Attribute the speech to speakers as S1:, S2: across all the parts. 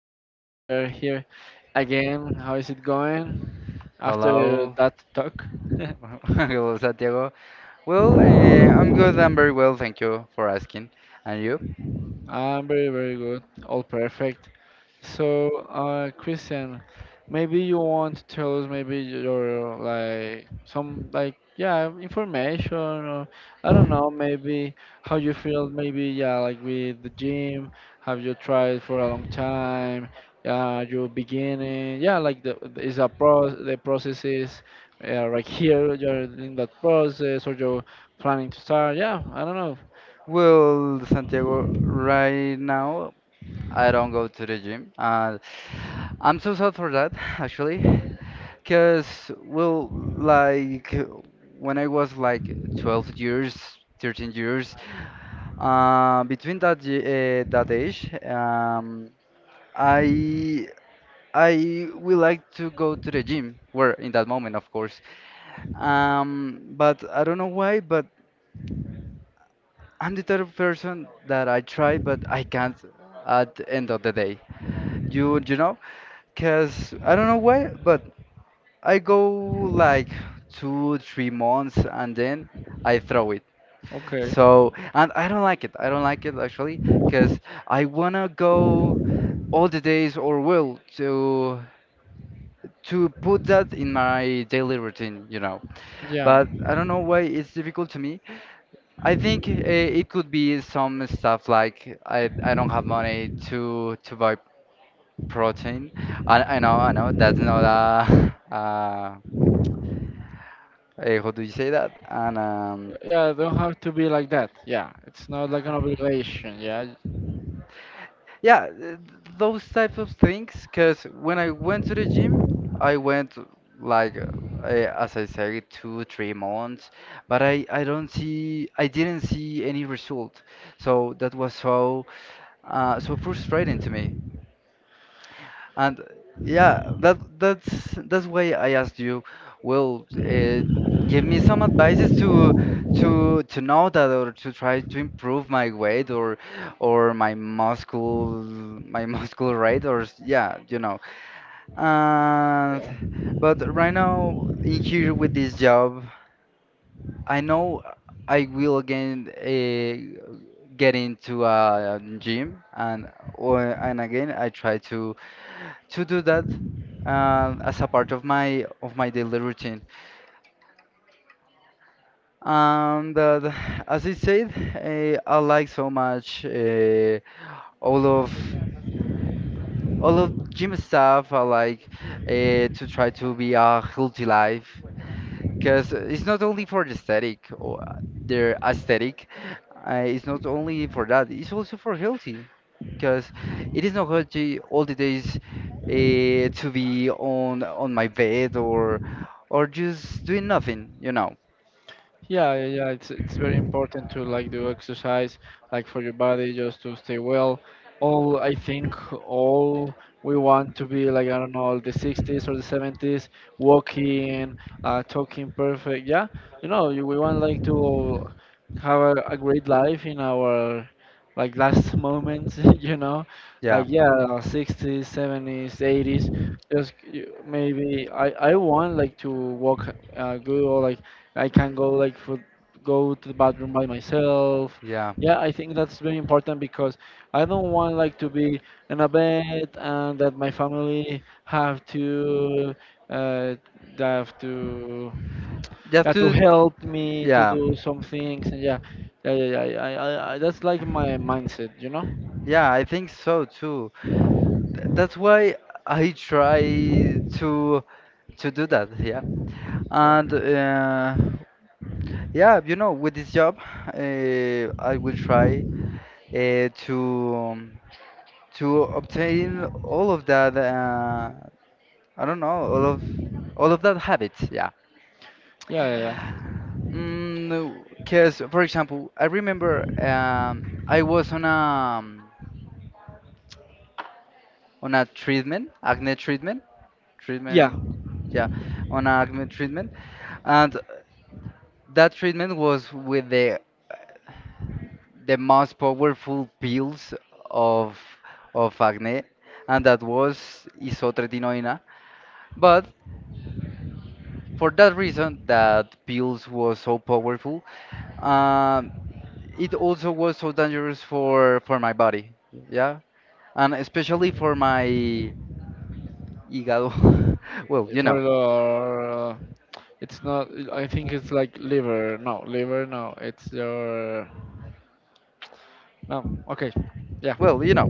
S1: Christian. We are here again. How is it going after
S2: Hello,
S1: that talk?
S2: hello Santiago. I'm good. I'm very well, thank you for asking. And you?
S1: I'm very, very good. All perfect. So, Christian, maybe you want to tell us maybe your like some like yeah information or I don't know maybe how you feel maybe yeah like with the gym. Have you tried for a long time? Yeah, you're beginning. Yeah, like is a pro the process is. Yeah, right here you're in that process, or you're planning to start. Yeah, I don't know.
S2: Well, Santiago, right now I don't go to the gym, and I'm so sad for that actually, because well, like when I was like 12 years, 13 years, between that age, I I would like to go to the gym, where in that moment, of course. But I don't know why, but I'm the type of person that I try, but I can't at the end of the day. You know, because I don't know why, but I go like two, 3 months and then I throw it.
S1: Okay.
S2: So, and I don't like it. I don't like it actually, because I wanna go all the days or will to put that in my daily routine.
S1: Yeah.
S2: But I don't know why it's difficult to me. I think it could be some stuff like I don't have money to buy protein. I know, that's not a, a how do you say that? And
S1: Yeah, don't have to be like that. Yeah, it's not like an obligation. Yeah.
S2: Yeah, those types of things. Because when I went to the gym, I went like I, as I said, two, 3 months, but I didn't see any result. So that was so frustrating to me and yeah, that's that's why I asked you, well, give me some advices to know that or to try to improve my weight or my muscle my muscle rate or yeah, you know. And
S1: Yeah.
S2: but right now in here with this job, I know I will again get into a gym and again I try to do that as a part of my daily routine. And uh, th- as I said, I like so much all of gym stuff. I like to try to be a healthy life. Because it's not only for the aesthetic or their aesthetic. It's not only for that. It's also for healthy, because it is not healthy all the days to be on my bed or just doing nothing. You know.
S1: Yeah, yeah, yeah, it's very important to like do exercise, like for your body, just to stay well. All I think all we want to be like, I don't know, the 60s or the 70s, walking, talking perfect. Yeah, we want like to have a great life in our like last moments, you know.
S2: Yeah.
S1: Like yeah, 60s, 70s, 80s, just maybe I want like to walk good, or like I can go like for go to the bathroom by myself.
S2: Yeah.
S1: Yeah, I think that's very important because I don't want like to be in a bed and that my family have to, uh, they have to.
S2: You have
S1: Yeah, to
S2: to.
S1: help me to
S2: Yeah.
S1: do some things, and Yeah, yeah, yeah, yeah, yeah, I that's like my mindset, you know?
S2: Yeah, I think so too. That's why I try to do that, yeah.
S1: Yeah,
S2: And yeah, you know, with this job, I will try uh, to um, to obtain all of that. I don't know, all of that habits, yeah.
S1: yeah, yeah, yeah.
S2: Because, for example, I remember I was on a treatment, acne treatment,
S1: Yeah.
S2: treatment, yeah, on a acne treatment. And that treatment was with the most powerful pills of acne, and that was isotretinoin. But for that reason, that pills was so powerful, um, it also was so dangerous for my body, yeah, and especially for my hígado. Well, you know,
S1: For your, it's not. I think it's like liver. No, liver. No, it's your. No. Okay. Yeah.
S2: well, you know,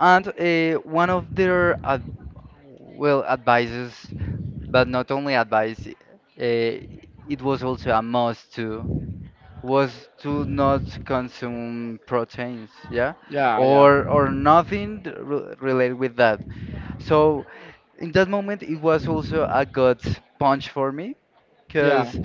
S2: and one of their ad well advices but not only advice, eh, it was also a must to was to not consume proteins, yeah,
S1: Yeah. Yeah.
S2: or nothing related with that. So in that moment, it was also a gut punch for me
S1: Yeah.
S2: because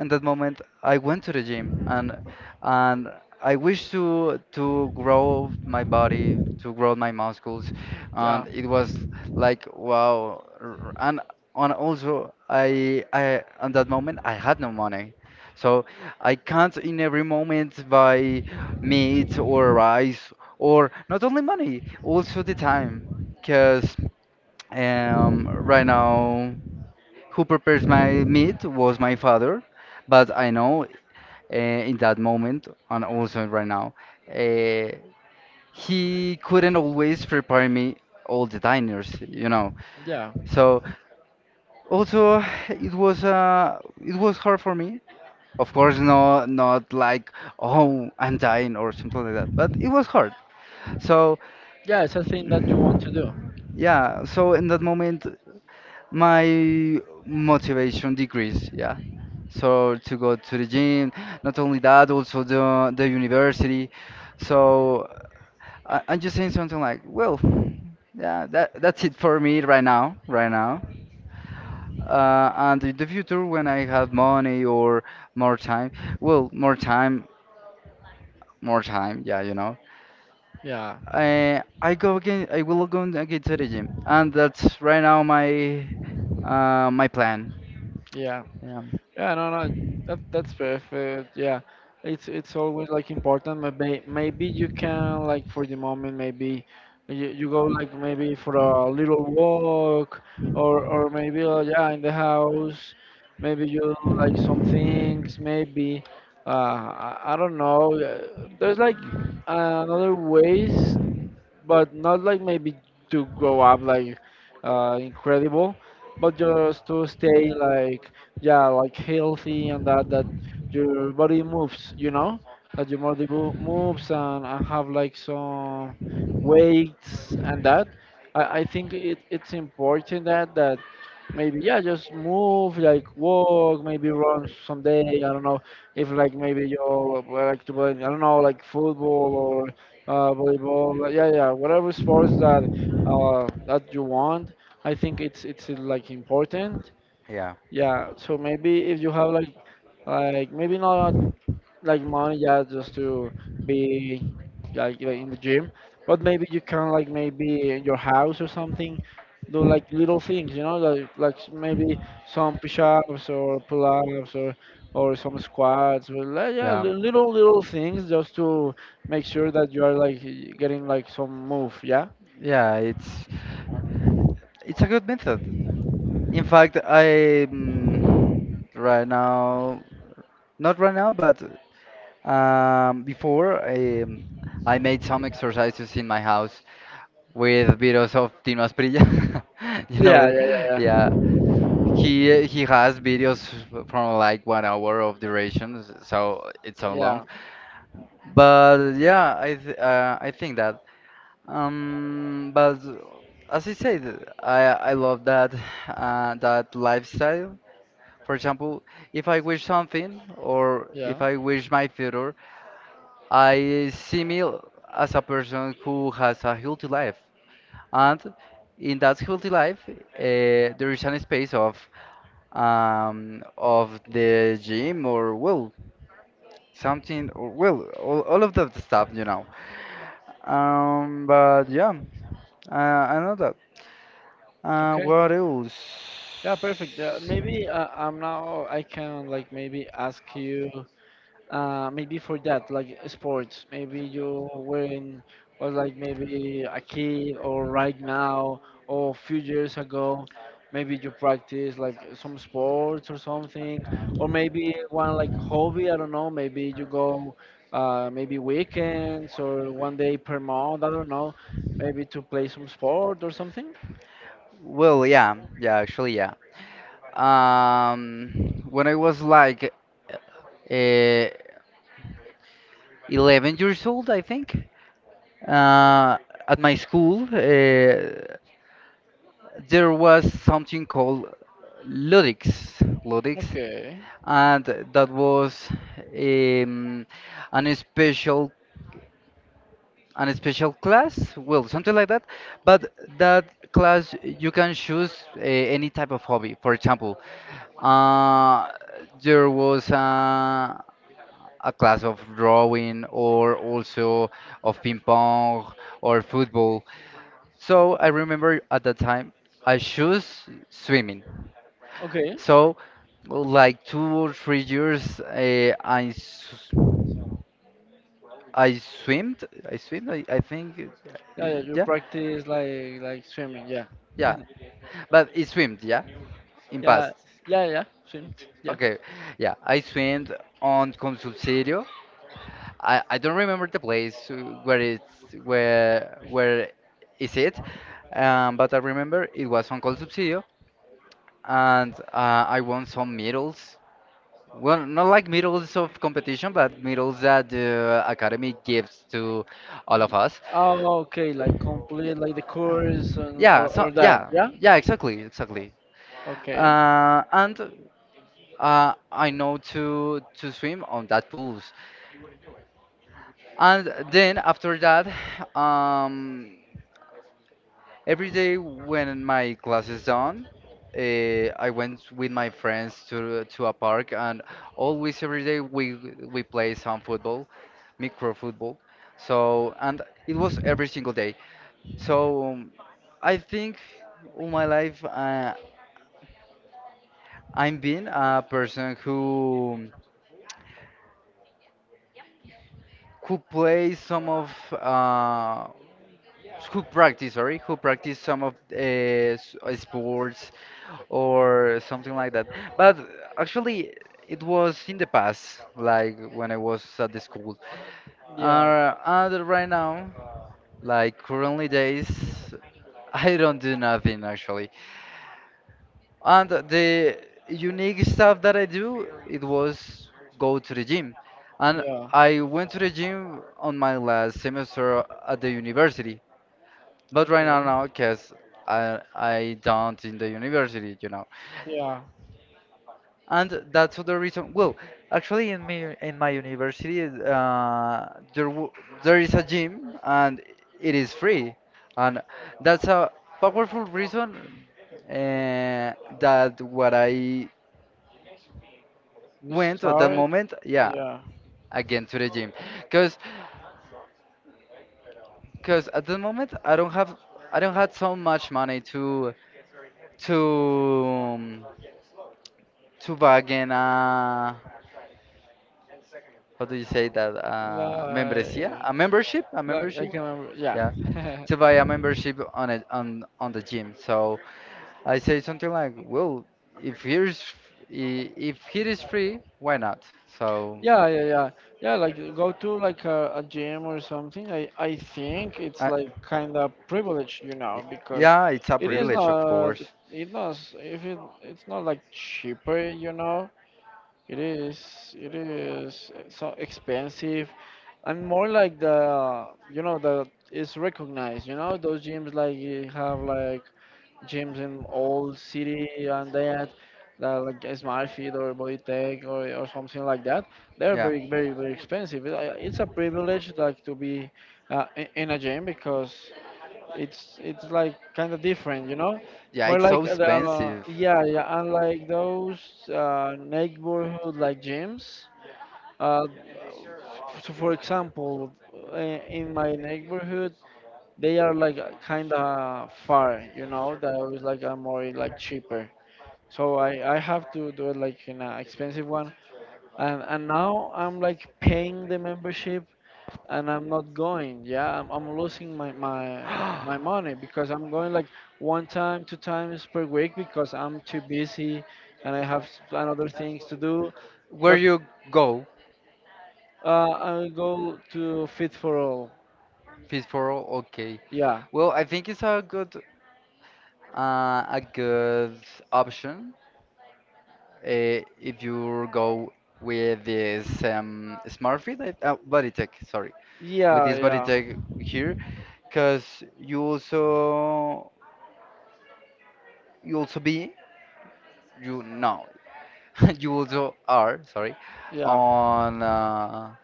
S2: in that moment I went to the gym and I wish to grow my body, to grow my muscles,
S1: Yeah.
S2: and it was like wow. And also I at that moment I had no money, so I can't in every moment buy meat or rice or not only money, also the time, because right now. Who prepares my meat was my father, but I know in that moment and also right now, uh, he couldn't always prepare me all the diners, you know.
S1: Yeah.
S2: So also it was hard for me. Of course, no, not like oh I'm dying or something like that, but it was hard. So.
S1: Yeah, it's a thing that you want to do.
S2: Yeah, so in that moment, my motivation decreased. Yeah, so to go to the gym. Not only that, also the university. So I'm just saying something like, well, yeah, that that's it for me right now, right now. And in the future, when I have money or more time, well, more time, yeah, you know.
S1: Yeah.
S2: I will go and again to the gym, and that's right now my my plan.
S1: Yeah.
S2: Yeah,
S1: Yeah, no, no, that's perfect. Yeah, it's always like important. Maybe maybe you can like for the moment maybe you go like maybe for a little walk, or maybe yeah in the house. Maybe you do, like some things. Maybe I don't know. There's like another ways, but not like maybe to grow up like incredible, but just to stay like yeah, like healthy and that your body moves, you know, that your body moves, and have like some weights and that. I think it's important that maybe yeah just move, like walk, maybe run someday, I don't know if like maybe you like to play, I don't know, like football, volleyball. Like, yeah, yeah, whatever sports that that you want. I think it's like important.
S2: yeah,
S1: Yeah. So maybe if you have like maybe not like money, yeah, just to be like in the gym. But maybe you can like maybe in your house or something, do like little things, you know, like maybe some push-ups or pull-ups, or some squats, or yeah,
S2: yeah,
S1: little little things, just to make sure that you are like getting like some move, yeah.
S2: yeah. It's. It's a good method. In fact, I mm, right now, not right now, but before I made some exercises in my house with videos of Tino Asprilla. You know
S1: Yeah,
S2: it,
S1: yeah, yeah,
S2: yeah. He has videos from like 1 hour of duration, so it's so long.
S1: yeah,
S2: But yeah, I think that but as I said, I love that that lifestyle. For example, if I wish something or if
S1: yeah,
S2: I
S1: yeah.
S2: wish my future, I see me as a person who has a healthy life, and in that healthy life, there is an space of the gym or well something or well all of that stuff, you know. But yeah, I know
S1: Okay.
S2: what else?
S1: Yeah, perfect. Maybe I'm now I can like maybe ask you maybe for that like sports. Maybe you were in, was like maybe a kid or right now, or few years ago. Maybe you practice like some sports or something, or maybe one like hobby. I don't know. Maybe you go maybe weekends or one day per month. I don't know. Maybe to play some sport or something.
S2: Well, yeah, yeah, actually, yeah. When I was like uh, 11 years old, I think, uh, at my school, there was something called Ludix, Ludix,
S1: Okay.
S2: and that was um, an special. An special class well something like that but that class you can choose any type of hobby. For example uh, there was a class of drawing or also of ping pong or football. So I remember at that time I chose swimming,
S1: Okay.
S2: so like 2 or 3 years I swimmed. I swim.
S1: Yeah, yeah, you
S2: Yeah,
S1: practice like swimming, yeah.
S2: yeah. But it swam, yeah, in
S1: Yeah,
S2: past.
S1: yeah, yeah, swim, yeah.
S2: Okay, yeah, I swam on Consulsirio. I don't remember the place where is it, but I remember it was on Consulsirio, and I won some medals. Well, not like medals of competition, but medals that the academy gives to all of
S1: Ye-
S2: us.
S1: Oh, okay, like
S2: Y-
S1: complete like the course, and,
S2: Yeah, so
S1: or that,
S2: yeah,
S1: yeah?
S2: yeah, exactly, exactly.
S1: Okay.
S2: And I know to swim on that pools. And then after that, um, every day when my class is done, uh, I went with my friends to a park, and always every day we play some football, micro football. So and it was every single day. So um, I think all my life I'm been a person who plays some of who practice, sorry, who practice some of sports or something like that. But actually, it was in the past, like when I was at the school. And right now, like currently days, I don't do nothing actually. And the unique stuff that I do, it was go to the gym. And
S1: Yeah, yeah.
S2: I went to the gym on my last semester at the university. But right
S1: Okay.
S2: now, no, because I don't in the university, you know.
S1: Yeah.
S2: And that's the reason. Well, actually, in me, in my university, there is a gym and it is free, and that's a powerful reason uh, that what I
S1: You
S2: went at that
S1: start.
S2: moment, yeah,
S1: Yeah.
S2: again to the gym, because because at the moment I don't have so much money to to um, to buy again how do you say that membresia
S1: Like,
S2: a
S1: like I
S2: membership
S1: can remember. Yeah.
S2: yeah to buy a membership on the gym. So I say something like well if here's if it is free why not so
S1: Yeah, yeah, yeah, yeah. Like go to like a gym or something. I think it's
S2: I,
S1: like kind of privilege, you
S2: y-
S1: know, because
S2: yeah it's a
S1: it is
S2: privilege of
S1: not,
S2: course.
S1: it not if it, it's not like cheaper, you know. It is so expensive. I'm more like the, you know, the it's recognized, you know, those gyms like you have like gyms in old city and that, that like SmartFit or BodyTech or something like that. They're
S2: Yeah
S1: very, very, very expensive. It's a privilege like to be in a gym, because it's like kind of different, you know,
S2: yeah
S1: more
S2: it's
S1: like
S2: so
S1: the
S2: expensive.
S1: yeah yeah, unlike those neighborhood like gyms. Uh, so for example, in my neighborhood, they are like kind of far, you know, that was like a more like cheaper. So I have to do it like in an expensive one. And now I'm like paying the membership, and I'm not going. Yeah, I'm losing my money because I'm going like one time, two times per week, because I'm too busy and I have and other things to do.
S2: Where
S1: But
S2: you go
S1: I'll go to Fit for All.
S2: peaceful okay.
S1: Yeah,
S2: Well I think it's a good option if you go with this Bodytech, sorry, with
S1: yeah,
S2: this
S1: yeah,
S2: Bodytech here, because you also be you no you also are sorry
S1: yeah,
S2: on uh,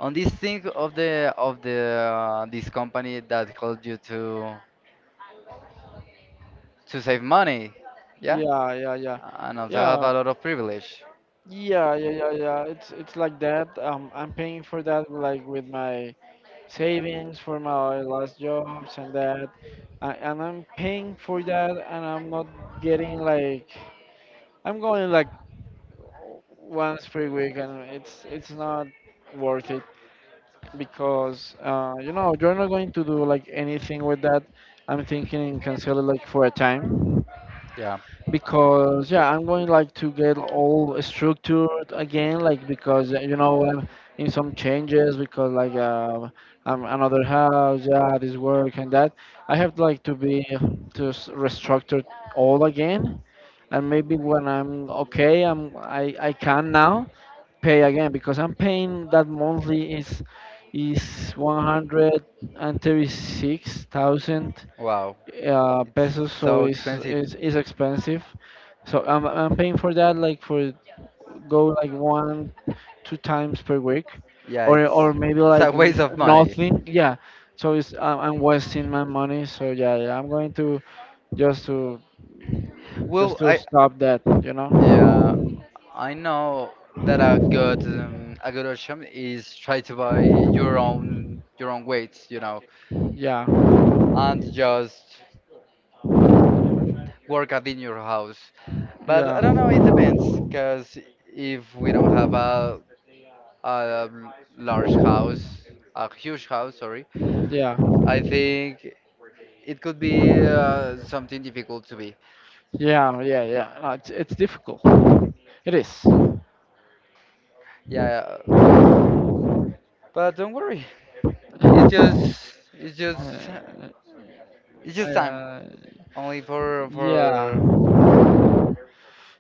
S2: on this thing of the this company that helps you to save money, yeah,
S1: yeah, yeah, yeah,
S2: and also have
S1: yeah,
S2: a lot of privilege,
S1: yeah, yeah, yeah, yeah. It's like that. I'm paying for that like with my savings for my last jobs and that. I'm paying for that and I'm not getting like I'm going like once per week and it's not worth it because you know you're not going to do like anything with that. I'm thinking in cancel it like for a time,
S2: yeah.
S1: because yeah I'm going like to get all structured again like, because you know I'm in some changes because like I'm another house, yeah this work and that. I have like to be to restructure all again, and maybe when I'm okay I can now pay again, because I'm paying that monthly is 136,000
S2: Wow.
S1: pesos, so
S2: So expensive.
S1: it's expensive. So I'm paying for that like for go like one, two times per week,
S2: Yeah,
S1: or maybe
S2: it's a
S1: like
S2: waste of money.
S1: nothing. Yeah. So it's I'm wasting my money. So yeah, yeah, I'm going to just to just
S2: Well,
S1: to
S2: I
S1: stop that, you know.
S2: yeah, I know that a good option is try to buy your own weights, you know,
S1: Yeah.
S2: and just work out in your house. But
S1: Yeah.
S2: I don't know, it depends, because if we don't have a a large house, a huge house, sorry,
S1: Yeah,
S2: I think it could be something difficult to be.
S1: yeah, yeah, yeah. No, it's difficult. It is.
S2: Yeah. But don't worry, it's
S1: Uh,
S2: just it's just it's just time,
S1: uh,
S2: only
S1: yeah,
S2: for
S1: yeah,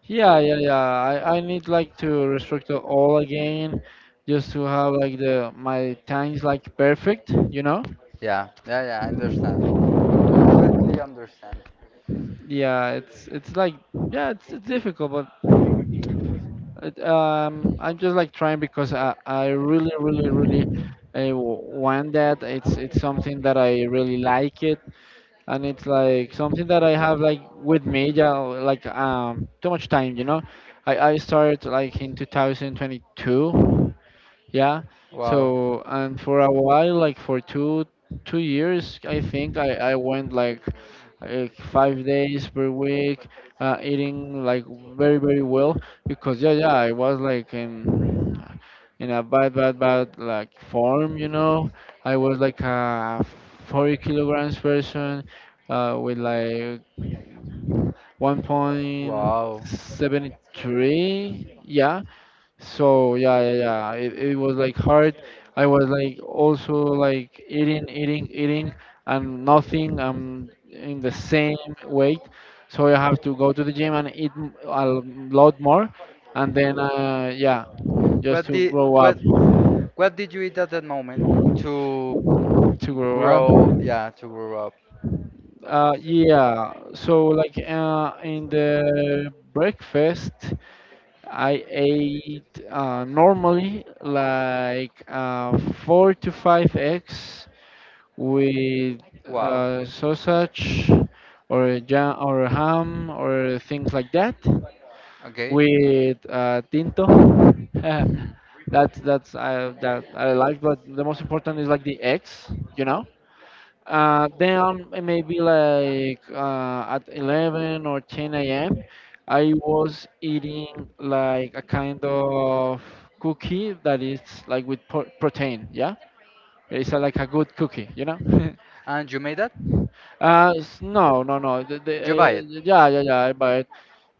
S1: yeah, yeah. I need like to restrict it all again, just to have like the my time like perfect. You know?
S2: yeah yeah yeah. I understand, completely understand.
S1: Yeah, it's like yeah, it's difficult, but it, I'm just like trying because I really really really. I want that. It's something that I really like it. And it's like something that I have like with me, yeah, like too much time, you know. I started like in 2022, yeah.
S2: Wow,
S1: So and for a while, like for two years, I think I went like 5 days per week, eating like very very well, because yeah yeah I was like in a bad bad bad like form, you know. I was like a 40 kilograms person, with like one point
S2: wow.
S1: seventy three. Yeah, so yeah, yeah, yeah. It was like hard. I was like also like eating, eating, eating, and nothing. I'm in the same weight, so I have to go to the gym and eat a lot more, and then yeah, just
S2: What
S1: to
S2: did
S1: grow up,
S2: what what did you eat at that moment to
S1: to grow up.
S2: grow? Yeah, to grow up.
S1: Yeah. So like in the breakfast, I ate normally like four to five eggs with
S2: Wow.
S1: sausage or a jam or a ham or things like that
S2: Okay.
S1: with tinto. That I like, but the most important is like the eggs, you know. Then maybe like at 11 or 10 a.m. I was eating like a kind of cookie that is like with protein. Yeah, it's like a good cookie, you know.
S2: And you made that?
S1: No, no, no.
S2: You buy it?
S1: Yeah, yeah, yeah. I buy it.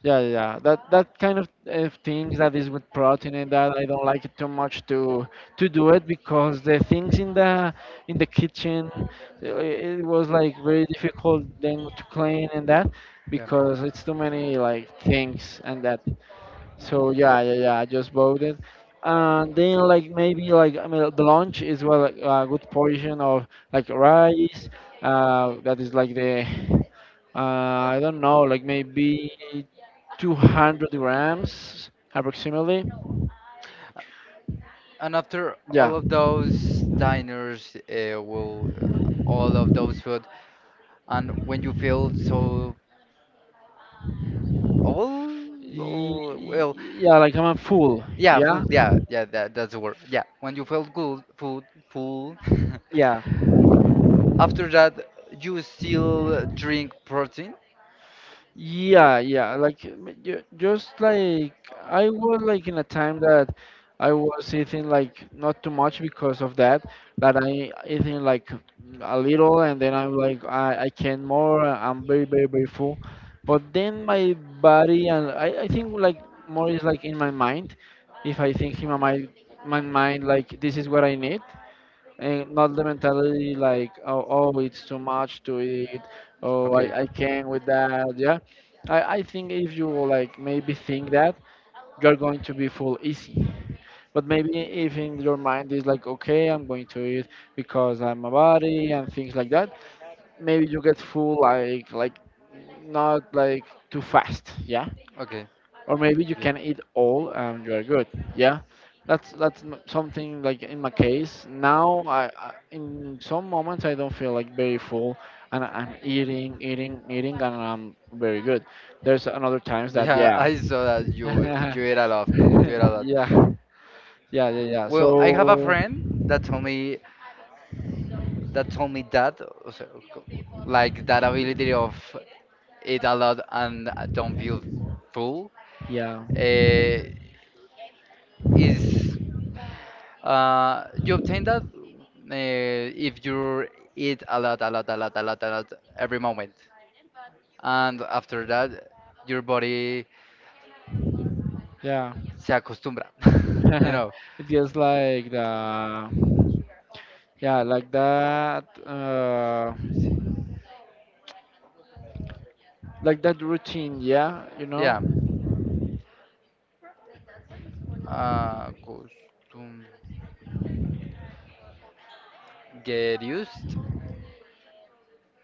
S1: Yeah, yeah, yeah. That kind of things that is with protein, and that I don't like it too much to do it because the things in the kitchen it was like very difficult then to clean and that,
S2: Yeah.
S1: because it's too many like things and that. So yeah, yeah, yeah. I just bought it, and then like maybe like I mean the lunch is well like, a good portion of like rice. That is like the I don't know like maybe 200 grams approximately.
S2: And after
S1: Yeah,
S2: all of those diners, will all of those food. And when you feel so old, or well,
S1: Yeah. Like I'm full.
S2: yeah,
S1: Yeah,
S2: full, yeah, yeah, that, that's the word. Yeah, when you feel good, full, full.
S1: yeah.
S2: After that, you still drink protein.
S1: Yeah, yeah, like just like I was like in a time that I was eating like not too much because of that, that I eating like a little and then I'm like I can more, I'm very, very, very full. But then my body and I think like more is like in my mind. If I think in my mind like this is what I need and not the mentality like oh, it's too much to eat, oh
S2: Okay,
S1: I can't with that, yeah. I think if you like maybe think that you're going to be full easy, but maybe if in your mind is like okay I'm going to eat because I'm a body and things like that, maybe you get full like not like too fast, yeah.
S2: okay,
S1: Or maybe you
S2: okay.
S1: can eat all and you are good, yeah. That's something like in my case now. I in some moments I don't feel like very full, and I'm eating eating eating and I'm very good. There's another times that,
S2: Yeah,
S1: yeah.
S2: I saw that you
S1: Yeah,
S2: you ate a lot, you ate a lot.
S1: yeah, yeah, yeah,
S2: Well, I have a
S1: so
S2: friend that told me that told me that, like that ability of eat a lot and don't feel full,
S1: yeah,
S2: uh, is. You obtain that if you eat a lot, a lot, a lot, a lot, a lot every moment, and after that, your body
S1: yeah.
S2: se acostumbra. You know,
S1: It feels like the, yeah, like that routine, yeah, you know.
S2: yeah. Uh, get used.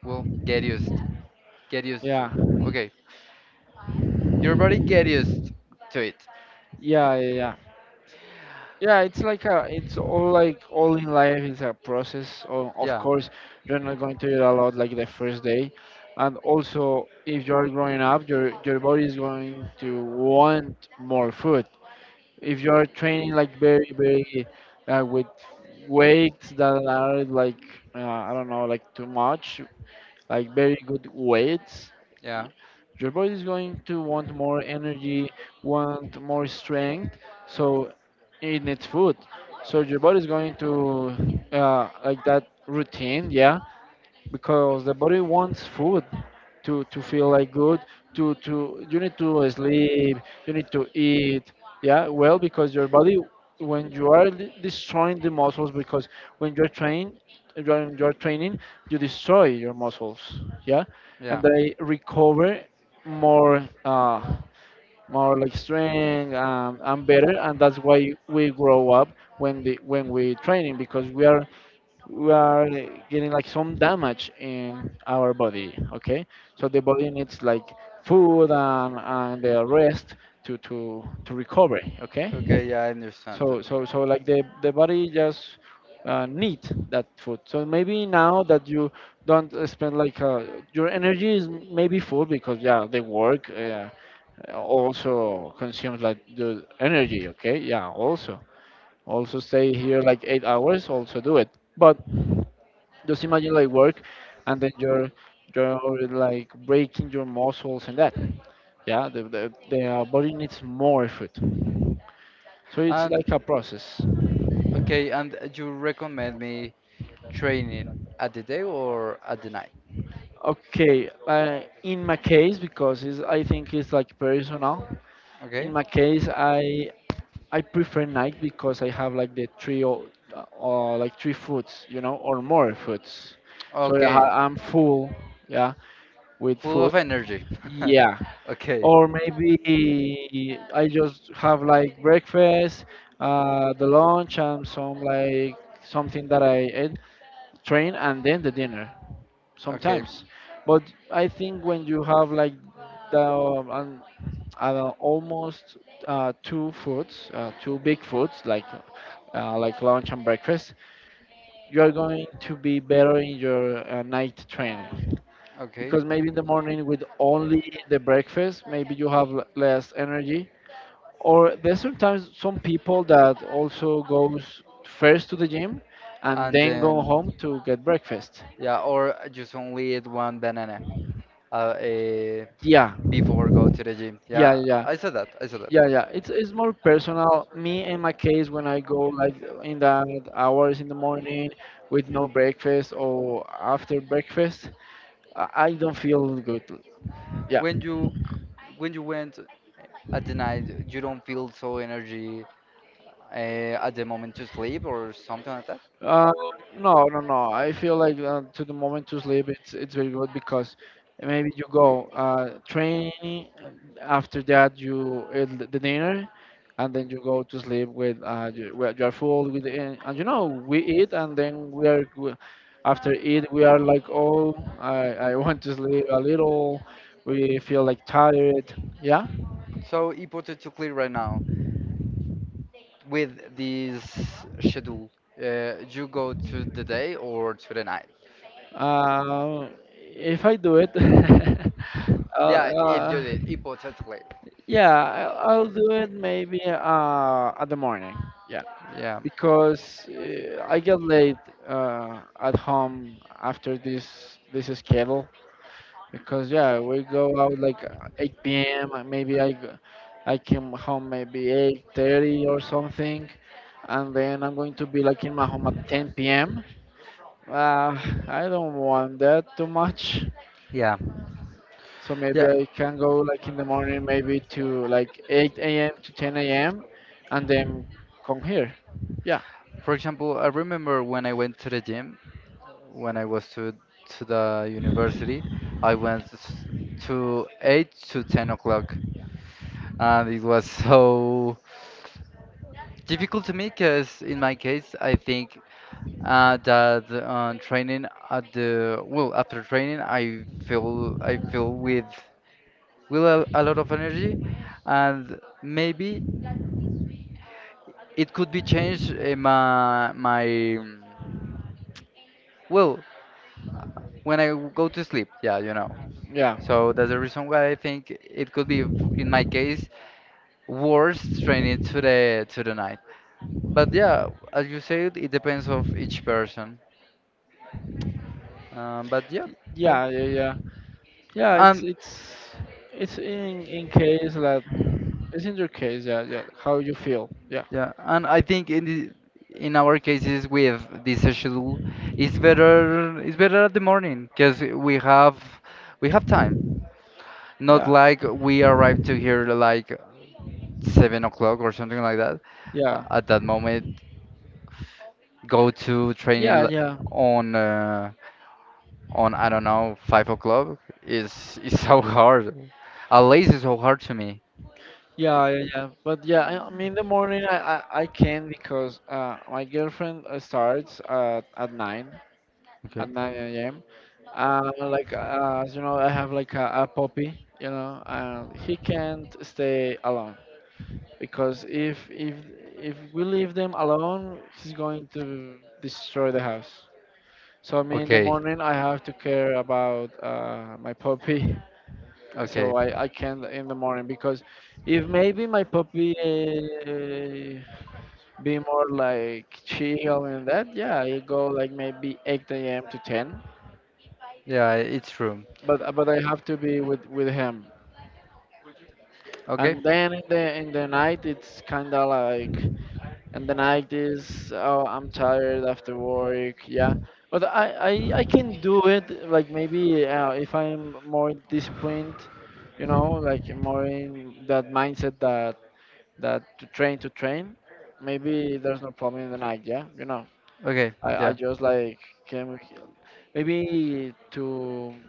S2: Well, get used to.
S1: Yeah
S2: Okay, your body get used to it.
S1: Yeah, yeah, yeah. Yeah, it's like it's all like all in life is a process. Of
S2: Yeah.
S1: course, you're not going to eat a lot like the first day, and also if you're growing up, your body is going to want more food. If you're training like very very with weights that are like I don't know like too much, like very good weights,
S2: Yeah,
S1: your body is going to want more energy, want more strength, so it needs food. So your body is going to like that routine, yeah, because the body wants food to feel like good, to you need to sleep, you need to eat, yeah. Well, because your body when you are destroying the muscles, because when you're trained you're training, you destroy your muscles, yeah. And
S2: yeah.
S1: they recover more, like strength, and better, and that's why we grow up when the when we training, because we are getting like some damage in our body, okay. So the body needs like food and the rest to recover, okay.
S2: Okay, yeah, I understand.
S1: So like the body just need that food. So maybe now that you don't spend like your energy is maybe full because, yeah, the work also consumes like the energy, okay, yeah. Also stay here like 8 hours also do it, but just imagine like work, and then you're like breaking your muscles and that. Yeah, the body needs more food, so it's
S2: And
S1: like a process.
S2: okay, and you recommend me training at the day or at the night?
S1: Okay, in my case, because it's, I think it's like personal.
S2: Okay.
S1: In my case, I prefer night because I have like the three or like three foods, you know, or more foods. So
S2: Okay.
S1: I'm full, yeah, with
S2: Full
S1: food.
S2: of energy.
S1: Yeah,
S2: Okay.
S1: or maybe I just have like breakfast, the lunch, and some like something that I ate, train, and then the dinner
S2: Okay.
S1: sometimes. But I think when you have like the almost two foods, two big foods like lunch and breakfast, you are going to be better in your night training,
S2: Okay.
S1: because maybe in the morning with only the breakfast maybe you have less energy, or there's sometimes some people that also goes first to the gym and
S2: And
S1: then go
S2: then,
S1: home to get breakfast.
S2: yeah, or just only eat one banana uh, uh,
S1: Yeah,
S2: before go to the gym.
S1: yeah,
S2: Yeah,
S1: yeah,
S2: I said that. I said that.
S1: yeah, yeah. It's more personal me in my case when I go like in the hours in the morning with no breakfast or after breakfast, I don't feel good, yeah.
S2: When you went at the night, you don't feel so energy at the moment to sleep or something like that.
S1: Uh, no, no, no. I feel like to the moment to sleep, it's very good, because maybe you go training, after that you eat the dinner, and then you go to sleep with you, well, you are full with and you know we eat and then after eat we are like oh I want to sleep a little. We feel like tired. Yeah.
S2: So hypothetically, right now, with this schedule, you go to the day or to the night?
S1: Uh, if I do it. uh,
S2: Yeah, if you
S1: uh,
S2: did hypothetically.
S1: Yeah, I'll do it maybe at the morning. Yeah,
S2: Yeah,
S1: because I get late at home after this schedule. Because yeah, we go out like 8 p.m. Maybe I came home maybe 8:30 or something, and then I'm going to be like in my home at 10 p.m. Uh, I don't want that too much.
S2: yeah,
S1: So maybe
S2: yeah.
S1: I can go like in the morning, maybe to like 8 a.m. to 10 a.m., and then come here. Yeah,
S2: For example, I remember when I went to the gym when I was to the university. I went s- to 8 to 10 o'clock, and it was so difficult to me because in my case, I think that training at the well after training I feel with a lot of energy and maybe it could be changed in my well uh, when go to sleep yeah you know.
S1: yeah,
S2: So that's the reason why I think it could be in my case worse training to the night but yeah as you said it depends of each person but yeah yeah.
S1: yeah, yeah, yeah. Yeah, it's
S2: And
S1: it's it's in case that it's in your case. Yeah, yeah. How you feel? Yeah,
S2: yeah, and I think in the, in our cases with this schedule, it's better at the morning because we have time. Not
S1: yeah,
S2: like we arrive to here like 7 o'clock or something like that.
S1: yeah,
S2: At that moment, go to training
S1: yeah,
S2: l-
S1: yeah.
S2: on uh, on I don't know 5 o'clock is so hard. At least it's so hard to me.
S1: Yeah, yeah, yeah. But yeah, I mean, in the morning I can, because my girlfriend starts at 9,
S2: Okay.
S1: at 9 a.m. Like, as you know, I have like a puppy, you know, and he can't stay alone, because if we leave them alone, he's going to destroy the house. So I mean, in the
S2: Okay,
S1: morning I have to care about my puppy.
S2: okay,
S1: So I can in the morning, because if maybe my puppy be more like chill and that, yeah, I go like maybe 8 a.m. to 10,
S2: yeah, it's true.
S1: but but I have to be with him.
S2: Okay,
S1: And then in the night it's kind of like, and the night is oh I'm tired after work, yeah. But I can do it like maybe if I'm more disciplined, you know, like more in that mindset that to train, maybe there's no problem in the night. Yeah, you know,
S2: okay,
S1: I
S2: yeah.
S1: just like can maybe to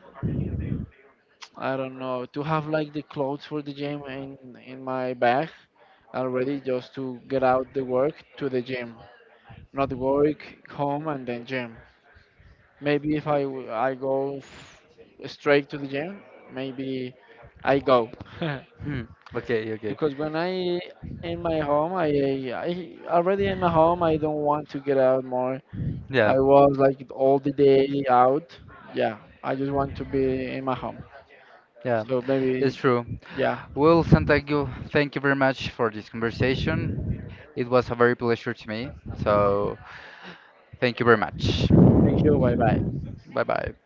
S1: I don't know, to have like the clothes for the gym in my bag already, just to get out the work to the gym, not work home and then gym. Maybe if I w- I go f- straight to the gym, maybe I go.
S2: Hmm. Okay, okay.
S1: Because when I in my home, I already in my home, I don't want to get out more.
S2: Yeah,
S1: I was like all the day out. Yeah, I just want to be in my home.
S2: yeah,
S1: So
S2: it's
S1: maybe,
S2: true.
S1: yeah.
S2: Well, Sam, thank you very much for this conversation. It was a very pleasure to me. So, thank you very much.
S1: Thank you. Bye bye.
S2: Bye bye.